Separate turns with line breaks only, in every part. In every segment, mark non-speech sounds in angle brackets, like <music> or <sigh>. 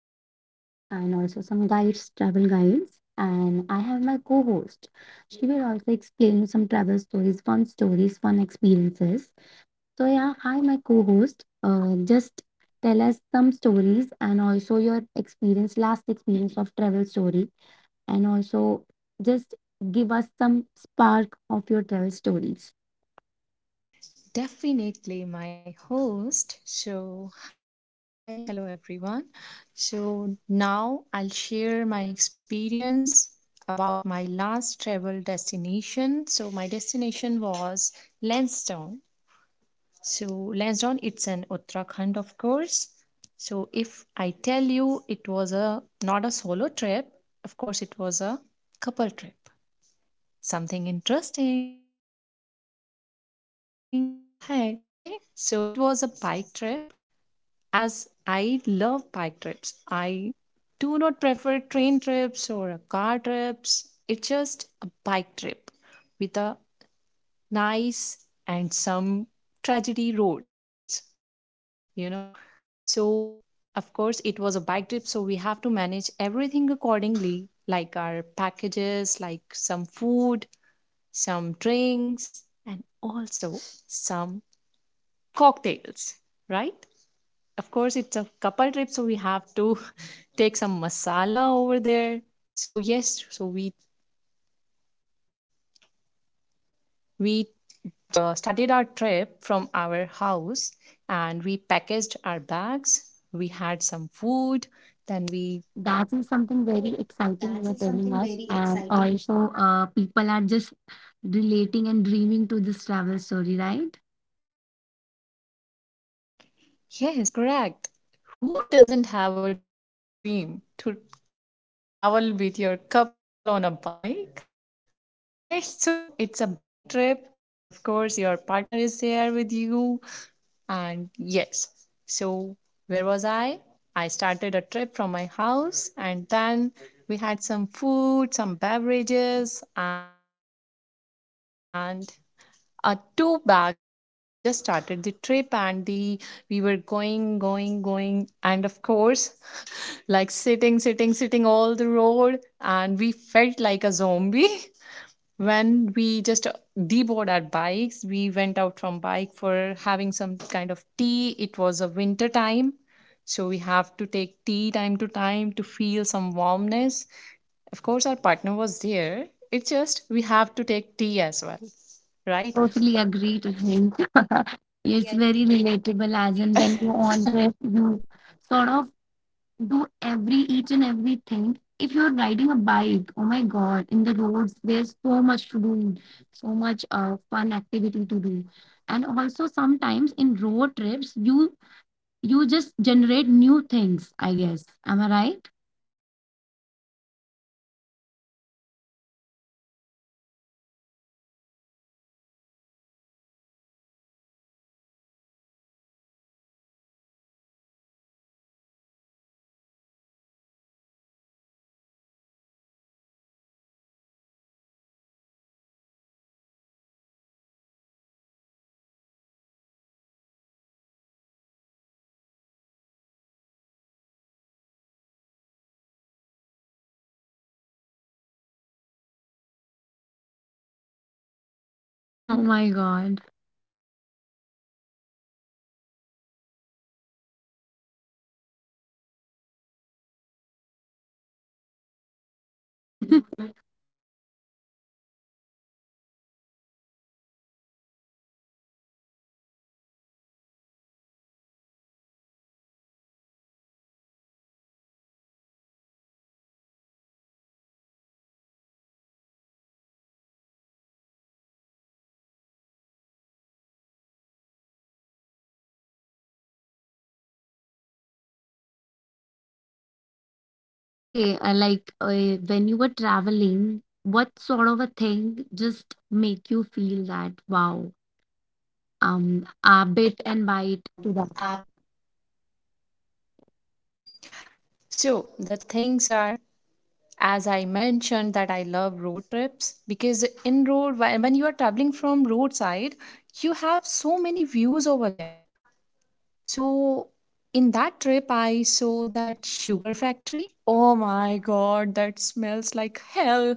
to tell you, and also some guides, travel guides. And I have my co-host. She will also explain you some travel stories, fun experiences. So yeah, hi my co-host. Just tell us some stories and also your experience, last experience of travel story, and also just give us some spark of your travel stories.
Definitely my host. So, hi, hello everyone. So, now I'll share my experience about my last travel destination. So, my destination was Lansdowne. So, Lansdowne, it's an Uttarakhand, of course. So, if I tell you it was a not a solo trip, of course, it was a couple trip. Something interesting ahead. Okay, so it was a bike trip as I love bike trips. I do not prefer train trips or a car trips. It's just a bike trip with a nice and some tragedy roads, you know. So, of course, it was a bike trip, so we have to manage everything accordingly, like our packages, like some food, some drinks, and also some cocktails, right? Of course, it's a couple trip, so we have to <laughs> take some masala over there. So yes, so we just started our trip from our house, and we packaged our bags, we had some food, then
That is
we
something very exciting you are telling us, and also people are just relating and dreaming to this travel story, right?
yes, correct. Who doesn't have a dream to travel with your couple on a bike, right? <laughs> So it's a bike trip, and of course your partner is there with you. And yes, so where was I? I started a trip from my house, and then we had some food, some beverages, and two bags of cocktail. So we just started the trip, and the we were going, going, going, and of course, like sitting, sitting, sitting all the road, and we felt like a zombie. <laughs> When we just deboard our bikes, we went out from bike for having some kind of tea. It was a winter time, so we have to take tea time to time to feel some warmness. Of course, our partner was there. It's just we have to take tea as well, right?
Totally agree to
So
him. <laughs> It's very relatable,
<laughs> things.
as in when you on trip, you sort of do every each and everything. If you're riding a bike, oh my God, in the roads, there's so much to do, so much fun activity to do. And also sometimes in road trips, you just generate new things, I guess. Am I right?
Yes, my host, you are correct. So, for the like, yes, after a very long ride, we thought that we should have a tea. So guess what? <laughs> We were on a bike. Okay, we were sitting from a long time, and then it's time to deboard the bike. And when we just get down from the bike, it was like, oh my god, everybody has a same like different different postures of a zombies. We all were looking like a zombie. Our hairs, <laughs> it was like we
Oh
got shocked.
my
We
God.
got a current, <laughs> and our legs. Oh my god, it was paining. It was like we are not able to move correctly as a human. We were like
<laughs>
walking like a zombie, and everybody was like, what? Are we getting a zombie on our tea stall? So we were looking at each other. Okay, fine. We are zombies. It's fine. We'll take our tea and then again we'll back to our human. Okay, so we got some tea there, we got freshen up, and then again back to bike ride, because it's still very long long kilometers are there to cut. All
Okay,
right.
like when you
So,
were traveling, what sort of a thing just make you feel that wow, bit and bite to that?
so, the things are as I mentioned that I love road trips because in road when you are traveling from roadside, you have so many views over there. So in that trip, I saw that sugar factory. Oh my god, that smells like hell.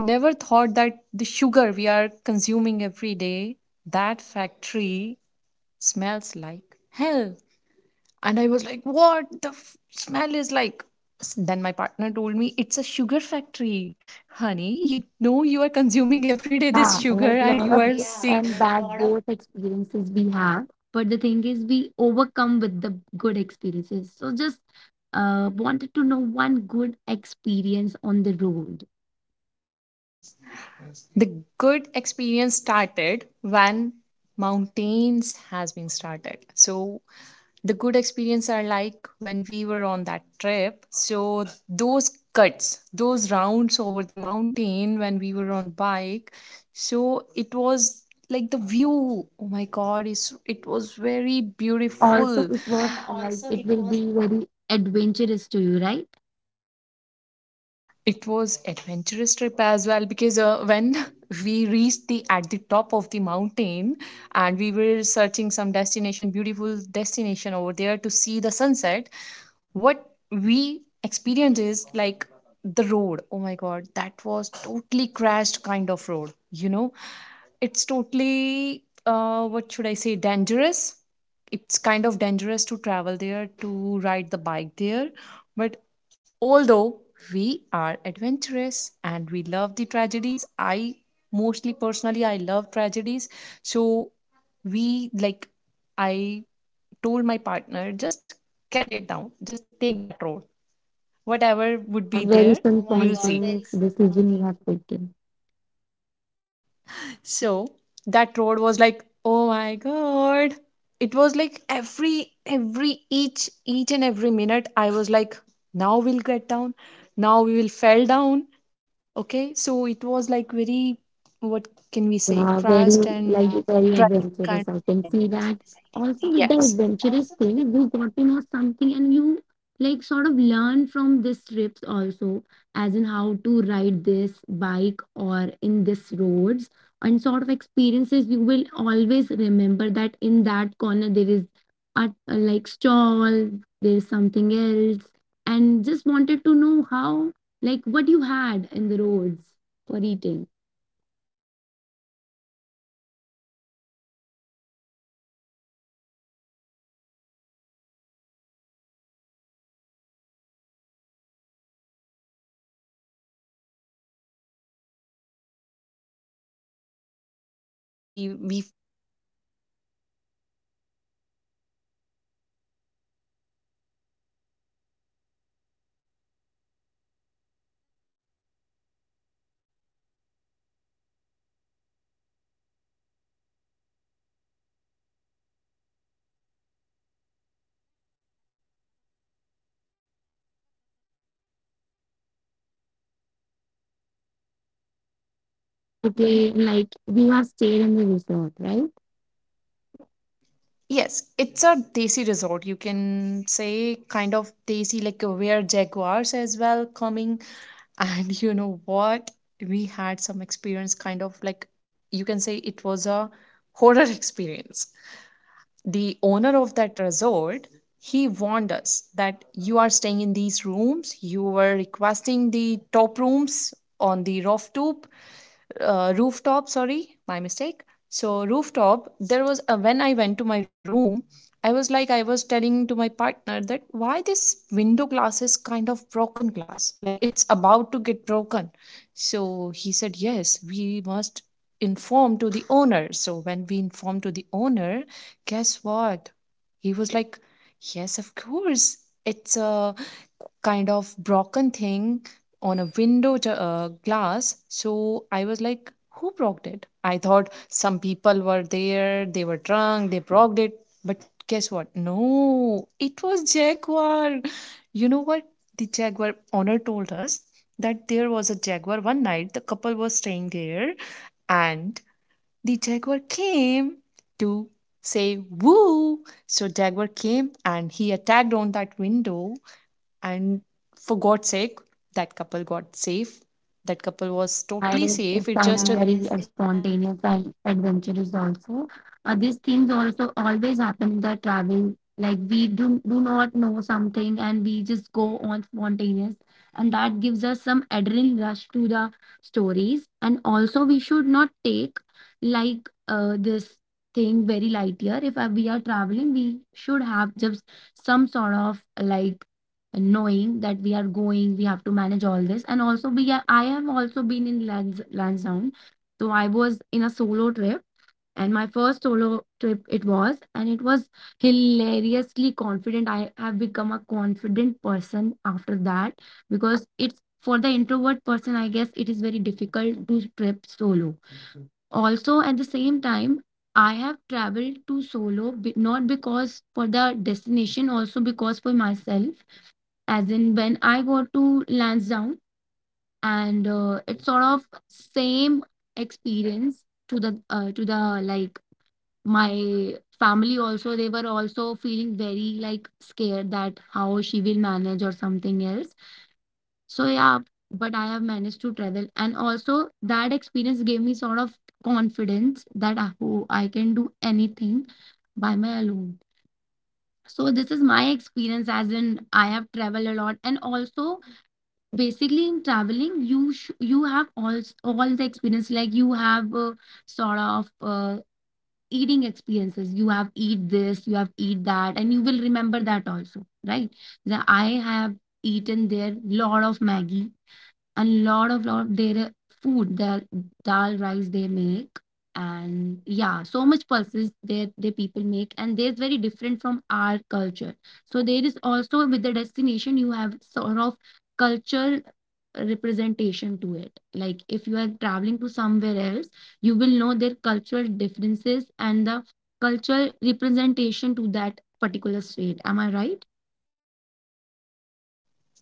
Never thought that the sugar we are consuming every day, that factory smells like hell. And I was like, what the smell is like? Then my partner told me, it's a sugar factory. Honey, you know you are consuming every day this
Yeah,
sugar
like
and
lot
you
of
are
good
seeing.
and bad both experiences we have, but the thing is we overcome with the good experiences. So just wanted to know one good experience on the road.
The good experience started when mountains has been started. So the good experience are like when we were on that trip, so those cuts, those rounds over the mountain when we were on bike. So it was like the view, oh my god, it was very
And also,
beautiful.
it was like it will be very Adventurous to you, right?
It was adventurous trip as well because when <laughs> we reached the at the top of the mountain, and we were searching some destination, beautiful destination over there to see the sunset. What we experienced is like the road, oh my god, that was totally crashed kind of road. It's totally what should I say, dangerous. It's kind of dangerous to travel there, to ride the bike there. But although we are adventurous and we love the tragedies, I mostly personally I love tragedies. So we like I told my partner, just get it down, just take that road, whatever would be
And
there,
very
we'll see.
spontaneous decision you have taken.
So that road was like, oh my god. It was like every each and every minute I was like, now we'll get down, now we will fell down. Okay. So it was like very what can we say,
Yeah, very
crashed and
like very
tragic kind
adventurous. I
of
can see
roads.
that. Also, with the
Yes.
adventurous thing, you got to know something and you like sort of learn from these trips also, as in how to ride this bike or in this roads and sort of experiences you will always remember that in that corner there is a like stall, there's something else, and just wanted to know how like what you had in the roads for eating.
As everybody loves, tell me, people, what you guys love on a trip, on a winter. It's a winter time, it's a mountain trip. So, of course, Maggie will be there, right? So it was a like we were very hungry. We were feeling hungry, so we found a tea stall, and there was a Maggie stall as well. So we just get down again from the bike and we had some Maggie. Oh my God, it's a chilled, chilled weather, and we have our tea, our hot, hot Maggie, soupy Maggie. So it was very nice experience. Then we were heading to our resort, which we had booked. It was kind of, you can say, desi resort.
Okay,
Have you okay,
like you have
experienced?
stayed in the resort, right?
Yes, it's a desi resort. You can say kind of desi, like where jaguars as well coming. And you know what? We had some experience, kind of like you can say it was a horror <laughs> experience. The owner of that resort, he warned us that you are staying in these rooms, you were requesting the top rooms on the rooftop, rooftop, sorry, my mistake. So rooftop, there was a, when I went to my room, I was telling to my partner that why this window glass is kind of broken glass, like it's about to get broken. So he said yes, we must inform to the owner. So when we informed to the owner, guess what, he was like, yes, of course, it's a kind of broken thing on a window glass. So I was like, who broke it? I thought some people were there, they were drunk, they broke it. But guess what? No, it was Jaguar. You know what? The Jaguar owner told us that there was a Jaguar one night. The couple was staying there, and the Jaguar came to say woo. So Jaguar came and he attacked on that window, and for God's sake, that couple got safe. That couple was
Yeah, it
totally
is it
safe. It
sounds
just a
very spontaneous and adventurous also. These things also always happen in the travel. Like we do not know something and we just go on spontaneous, and that gives us some adrenaline rush to the stories. And also, we should not take like this thing very light here. If we are traveling, we should have just some sort of like knowing that we are going we have to manage all this and also we are, I have also been in lansdowne, so I was in a solo trip and my first solo trip it was, and it was hilariously confident. I have become a confident person after that because it's for the introvert person, I guess it is very difficult to trip solo. Also at the same time, I
right.
have traveled to solo not because for the destination, also because for myself, as in when I go to Lansdowne, and it's sort of same experience to the like my family also, they were also feeling very like scared that how she will manage or something else. So yeah, but I have managed to travel, and also that experience gave me sort of confidence that I, oh, I can do anything by my alone. So this is my experience, as in I have traveled a lot, and also basically in traveling you have all the experience. Like you have sort of eating experiences, you have eat this, you have eat that, and you will remember that also, right? That I have eaten there lot of maggie, a lot of their food, their dal rice they make, and yeah, so much pulses their people make, and there's very different from our culture. So there is also with the destination you have sort of cultural representation to it, like if you are traveling to somewhere else, you will know their cultural differences and the cultural representation to that particular state, am I right?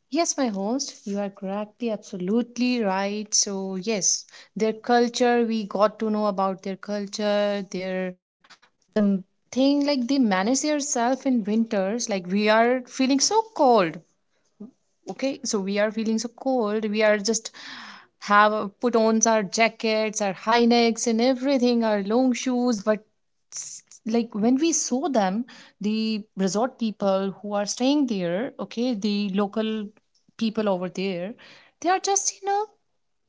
Yes, my host, you are correctly absolutely right. So, yes, their culture, we got to know about their culture, their the m- thing, like they manage their self in winters. Like we are feeling so cold. Okay, so we are feeling so cold, we are just have put on our jackets, our high necks and everything, our long shoes, but like when we saw them, the resort people who are staying there, okay, the local people over there, they are just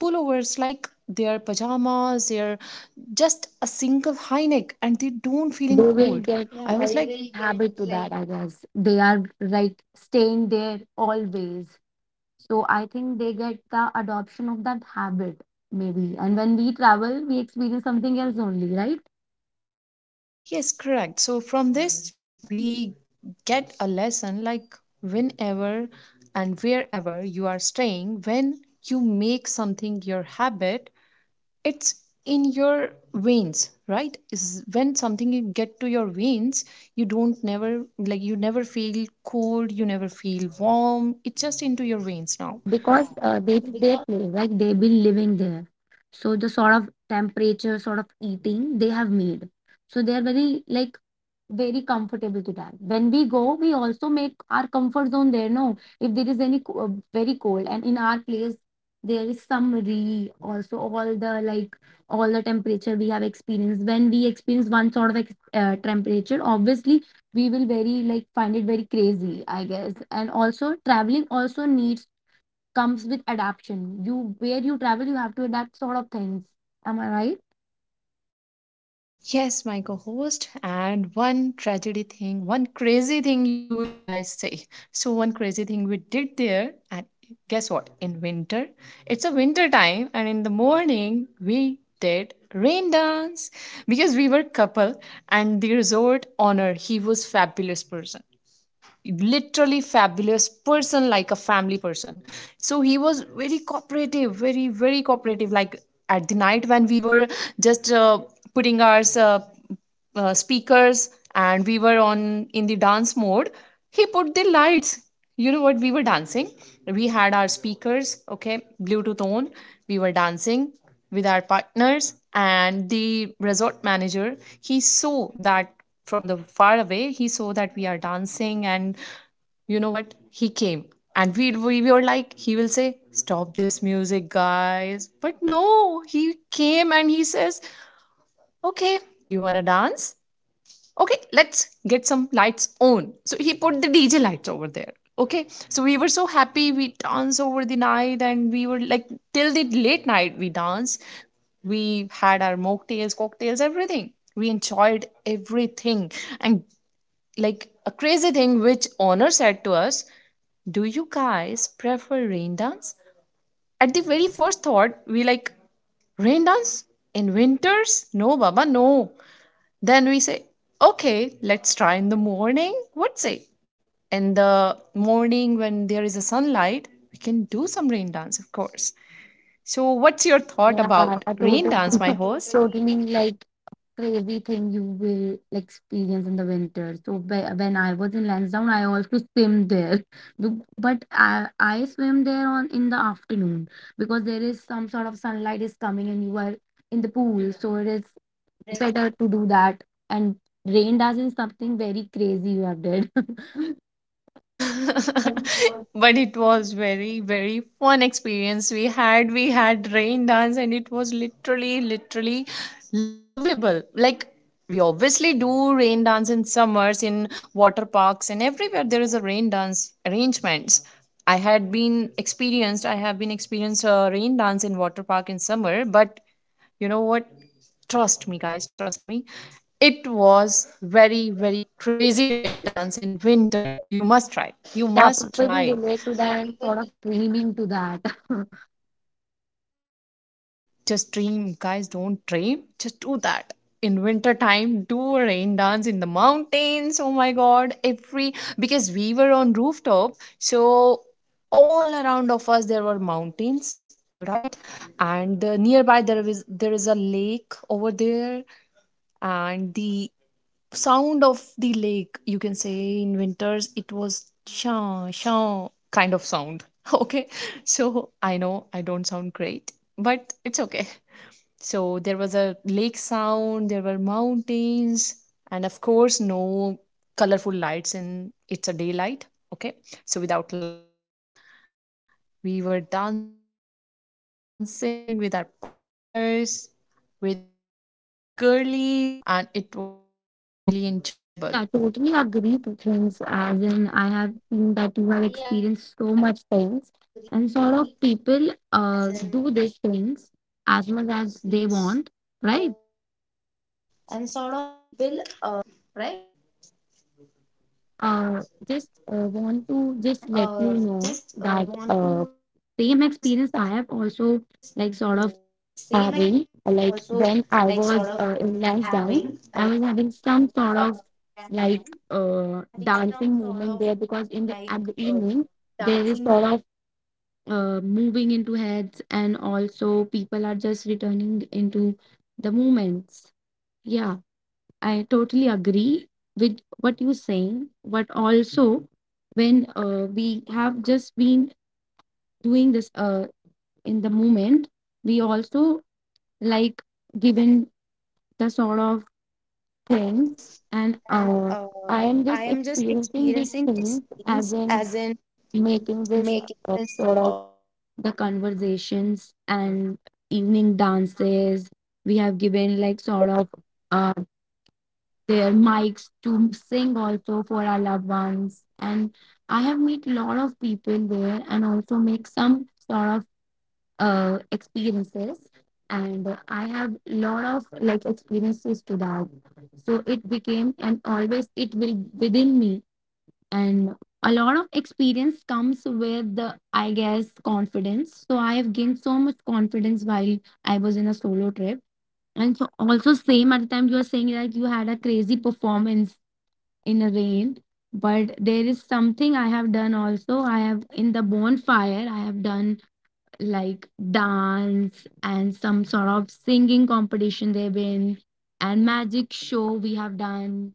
pullovers, like their pajamas, their just a single high neck, and they don't
Yeah, they
feeling
will
cold.
get
Yeah, I was
like
they
habit to
like
that, I guess. They are like staying there always. So I think they get the adoption of that habit, maybe. And when we travel, we experience something else only, right?
Yes, correct. So from this, we get a lesson like whenever and wherever you are staying, when you make something your habit, it's in your veins, right? Is when something you get to your veins, you never feel cold, you never feel warm. It's just into your veins now.
Because they their place, like they've been living there. So the sort of temperature, sort of eating they have made. So they are very like very comfortable to that. When we go, we also make our comfort zone there. No, if there is any very cold, and in our place there is summary also, all the like all the temperature we have experienced. When we experience one sort of temperature, obviously we will very like find it very crazy, I guess. And also traveling also needs comes with adaptation. You where you travel, you have to adapt sort of things. Am I right?
Yes, my co host. And one tragedy thing, one crazy thing you will guys say. So, one crazy thing we did there, and guess what? In winter, it's a winter time, and in the morning, we did rain dance because we were couple and the resort owner he was fabulous person, literally fabulous person, like a family person. So he was very cooperative, very very cooperative. Like at the night when we were just putting our speakers and we were on in the dance mode, he put the lights. You know what, we were dancing, we had our speakers, okay, bluetooth on, we were dancing with our partners, and the resort manager, he saw that. From the far away he saw that we are dancing, and you know what, he came, and we were like, he will say stop this music guys, but no. He came and he says, okay, you want to dance, okay let's get some lights on. So he put the DJ lights over there. Okay, so we were so happy, we danced over the night, and we were like, till the late night we danced. We had our mocktails, cocktails, everything. We enjoyed everything. And like a crazy thing which honor said to us, do you guys prefer rain dance? At the very first thought we like, rain dance in winters, no baba no. Then we say, okay, let's try in the morning. What say? In the morning when there is a sunlight, we can do some rain dance, of course. So, what's your thought
Yeah,
about
I totally,
rain dance, my
<laughs>
host?
totally like crazy thing you will experience in the winter. So when I was in Lansdowne, I also swim there, but I swim there on in the afternoon because there is some sort of sunlight is coming and you are in the pool, so it is
Correct.
better to do that. And rain doesn't something very crazy you have did. <laughs> But
<laughs> But it was very very fun experience. We had, we had rain dance and it was literally, literally lovable. Like we obviously do rain dance in summers in water parks, and everywhere there is a rain dance arrangements. I have been experienced a rain dance in water park in summer, but you know what? Trust me, guys, trust me. It was very, very crazy rain dance in winter. You must try. You
yeah,
must
people
try.
will relate to that and sort of dreaming to that. <laughs>
Just dream, guys. Don't dream. Just do that. In winter time, do a rain dance in the mountains. Oh my god. Every, because we were on rooftop, so all around of us there were mountains. All right, and nearby there is a lake over there, and the sound of the lake, you can say in winters it was sha sha kind of sound. <laughs> Okay, so I know I don't sound great, but it's okay. So there was a lake sound, there were mountains, and of course no colorful lights. And it's a daylight, okay, so without light we were dancing with our partners, with our girlies, and it was really really enjoyable.
Yeah, totally agree to things, as in I have seen that you have experienced so much things and sort of people do these things as much as they want, right? Uh just want to just let you know that same experience I have also like sort of having like when I was in down, I was having some sort of like dancing moment there because in the at the evening there is sort of moving into heads, and also people are just returning into the moments. Yeah, I totally agree with what you're saying, but also when we have just been doing this in the moment, we also like given the sort of things. And I
I am
am just
just experiencing
experiencing these
these
things
things,
as
as in
in
making
making
this,
this sort
sort of
of
the
the
conversations
conversations
and
and
evening
evening
dances.
dances. We have given like sort of uh, their mics to sing also for our loved ones. And I have met lot of people there and also make some sort of experiences. And I have lot of like experiences to that. So it became and always it will within me, and a lot of experience comes with the, I guess, confidence. So I have gained so much confidence while I was in a solo trip. And so also same at the time you were saying that you had a crazy performance in a rain, but there is something I have done also. I have in the bonfire I have done like dance and some sort of singing competition they've been, and magic show we have done.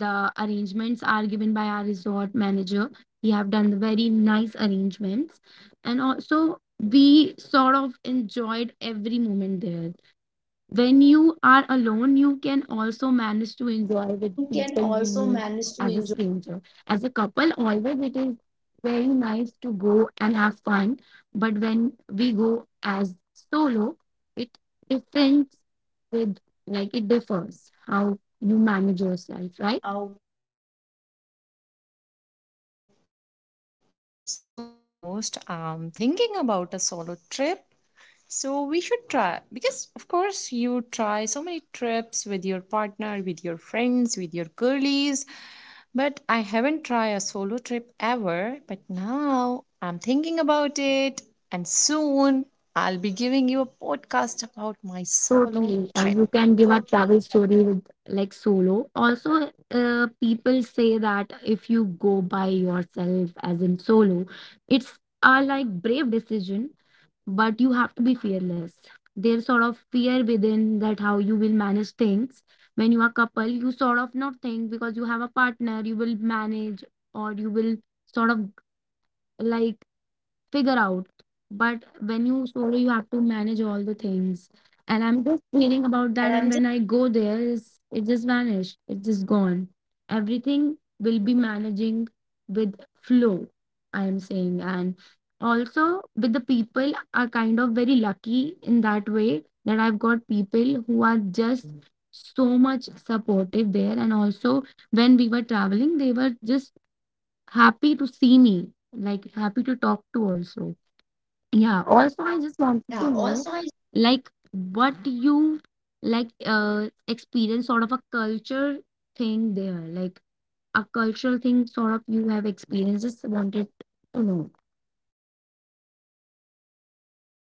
The arrangements are given by our resort manager. We have done the very nice arrangements, and also we sort of enjoyed every moment there. When you are alone, you can also manage to enjoy with people you meet as a stranger. As a couple, always it is very nice to go and have fun, but when we go as solo, it differs with like it differs
How
how you
you manage
manage
yourself,
yourself, right?
right? Correct. Even after listening to you, my host, I'm thinking about a solo trip. So we should try because, of course, you try so many trips with your partner, with your friends, with your girlies, but I haven't tried a solo trip ever. But now I'm thinking about it, and soon I'll be giving you a podcast about my solo
Totally.
trip.
You can give a travel story with like solo. Also, people say that if you go by yourself, as in solo, it's a like brave decision, but you have to be fearless. There's sort of fear within that how you will manage things. When you are couple, you sort of not think because you have a partner, you will manage or you will sort of like figure out. But when you solo, you have to manage all the things. And I'm just hearing about that.
And
And
I'm,
when I go there, it just vanished. It's just gone. Everything will be managing with flow, I am saying. And also with the people are kind of very lucky in that way that I've got people who are just so much supportive there. And also when we were traveling, they were just happy to see me, like happy to talk to also. Yeah, also I just wanted to know like what you like experience sort of a culture thing there, like a cultural thing sort of you have experienced. Just wanted to know.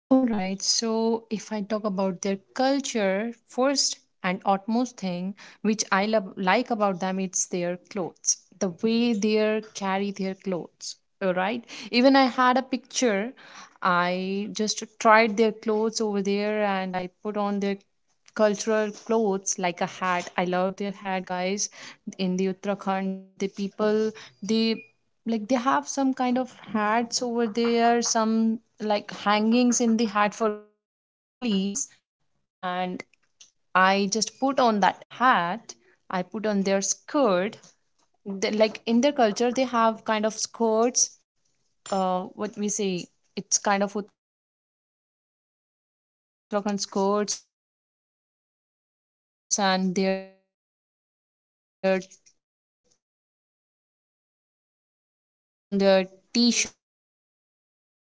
all right, so if I talk about their culture, first and utmost thing which I love, like about them, it's their clothes, the way they carry their clothes. All right, even I had a picture, I just tried their clothes over there and I put on their cultural clothes, like a hat. I love their hat, guys. In the Uttarakhand, the people, they, like they have some kind of hats over there, some like hangings in the hat for girlies. And I just put on that hat, I put on their skirt. They, like in their culture they have kind of skirts, what we say, it's kind of Uttarakhand skirts, and their over that skirt they put on their t-shirts and kind of blouses, and their hats with hanging something in their hats for the girlies. And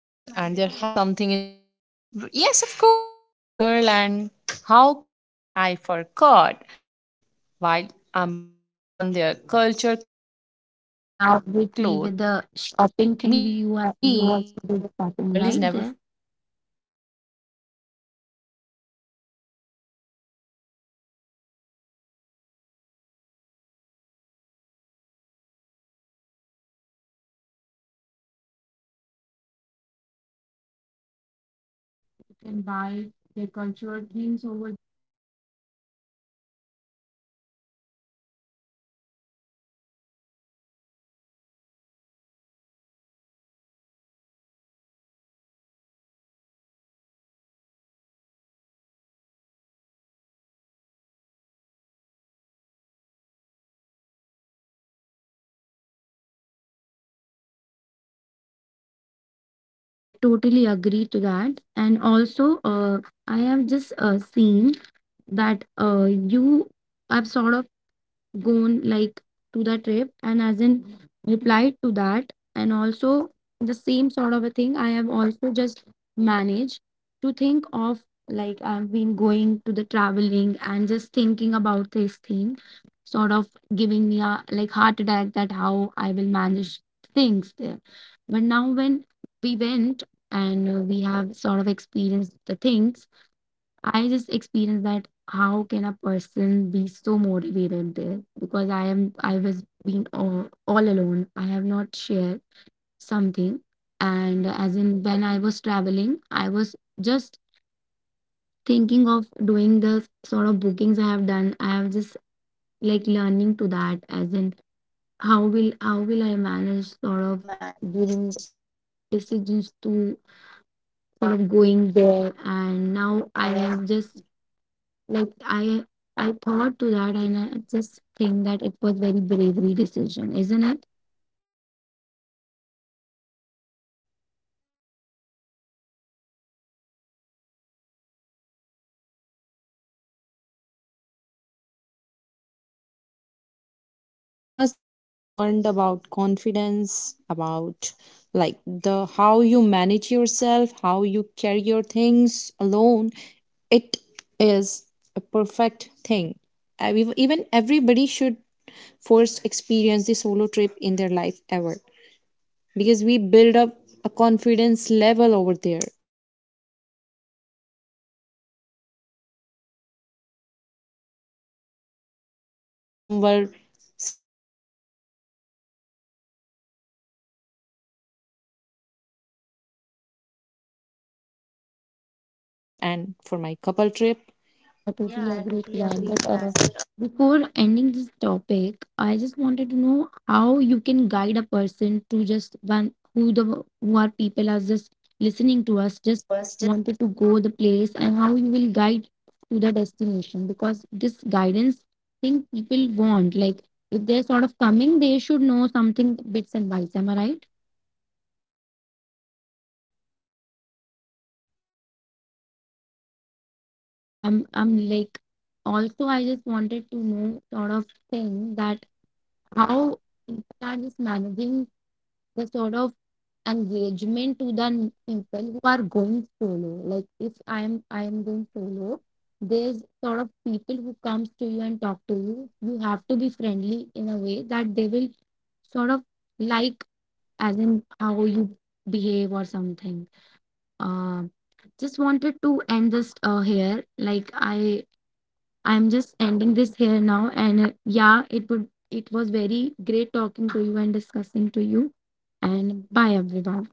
yes, of course, I'm a girl, and how can I forget while I'm putting on their culture clothes over me. And yes, girlies never
Yeah,
forget to
obviously
take a
with the
selfie.
shopping
So
thing we you
yeah,
have you also do the shopping right there.
of course, I'm a girl, and girls never forget to shop.
You can buy the cultural things over. Right, totally agree to that. And also I have just seen that you I've sort of gone like to the trip, and as in replied to that, and also the same sort of a thing I have also just managed to think of like I've been going to the traveling and just thinking about this thing sort of giving me a like heart attack that how I will manage things there. But now when we went and we have sort of experienced the things, I just experienced that how can a person be so motivated there, because I was being all alone. I have not shared something, and as in when I was traveling, I was just thinking of doing the sort of bookings I have done. I have just like learning to that, as in how will I manage sort of giving decisions to sort of going there. And now I have just like I thought to that, and I just think that it was very bravery decision, isn't it?
Correct. So, of course, you had that very bravest thing. If I say about a solo trip, you must have learned about confidence, about like the how you manage yourself, how you carry your things alone. It is a perfect thing. Everybody should first experience the solo trip in their life ever, because we build up a confidence level over there. Because you know, you don't know every anyone in the solo trip, but you make friends over there, you meet strangers somewhere. Some people will be nice to you, some people will be lessons to you. And of course it was a nice experience for your solo trip and for my couple trip.
Yeah, I totally agree to that. But before ending this topic, I just wanted to know how you can guide a person to just one who the who are people are just listening to us, just wanted to go the place, and how you will guide to the destination because this guidance thing people want, like if they're sort of coming, they should know something bits and bytes, am I right? Yeah, I'm like also I just wanted to know sort of thing that how people are just managing the sort of engagement to the people who are going solo. Like if I'm going solo, there's sort of people who comes to you and talk to you. You have to be friendly in a way that they will sort of like as in how you behave or something. Um just wanted to end this here like I'm just ending this here now. And yeah, it was very great talking to you and discussing to you. And bye everyone.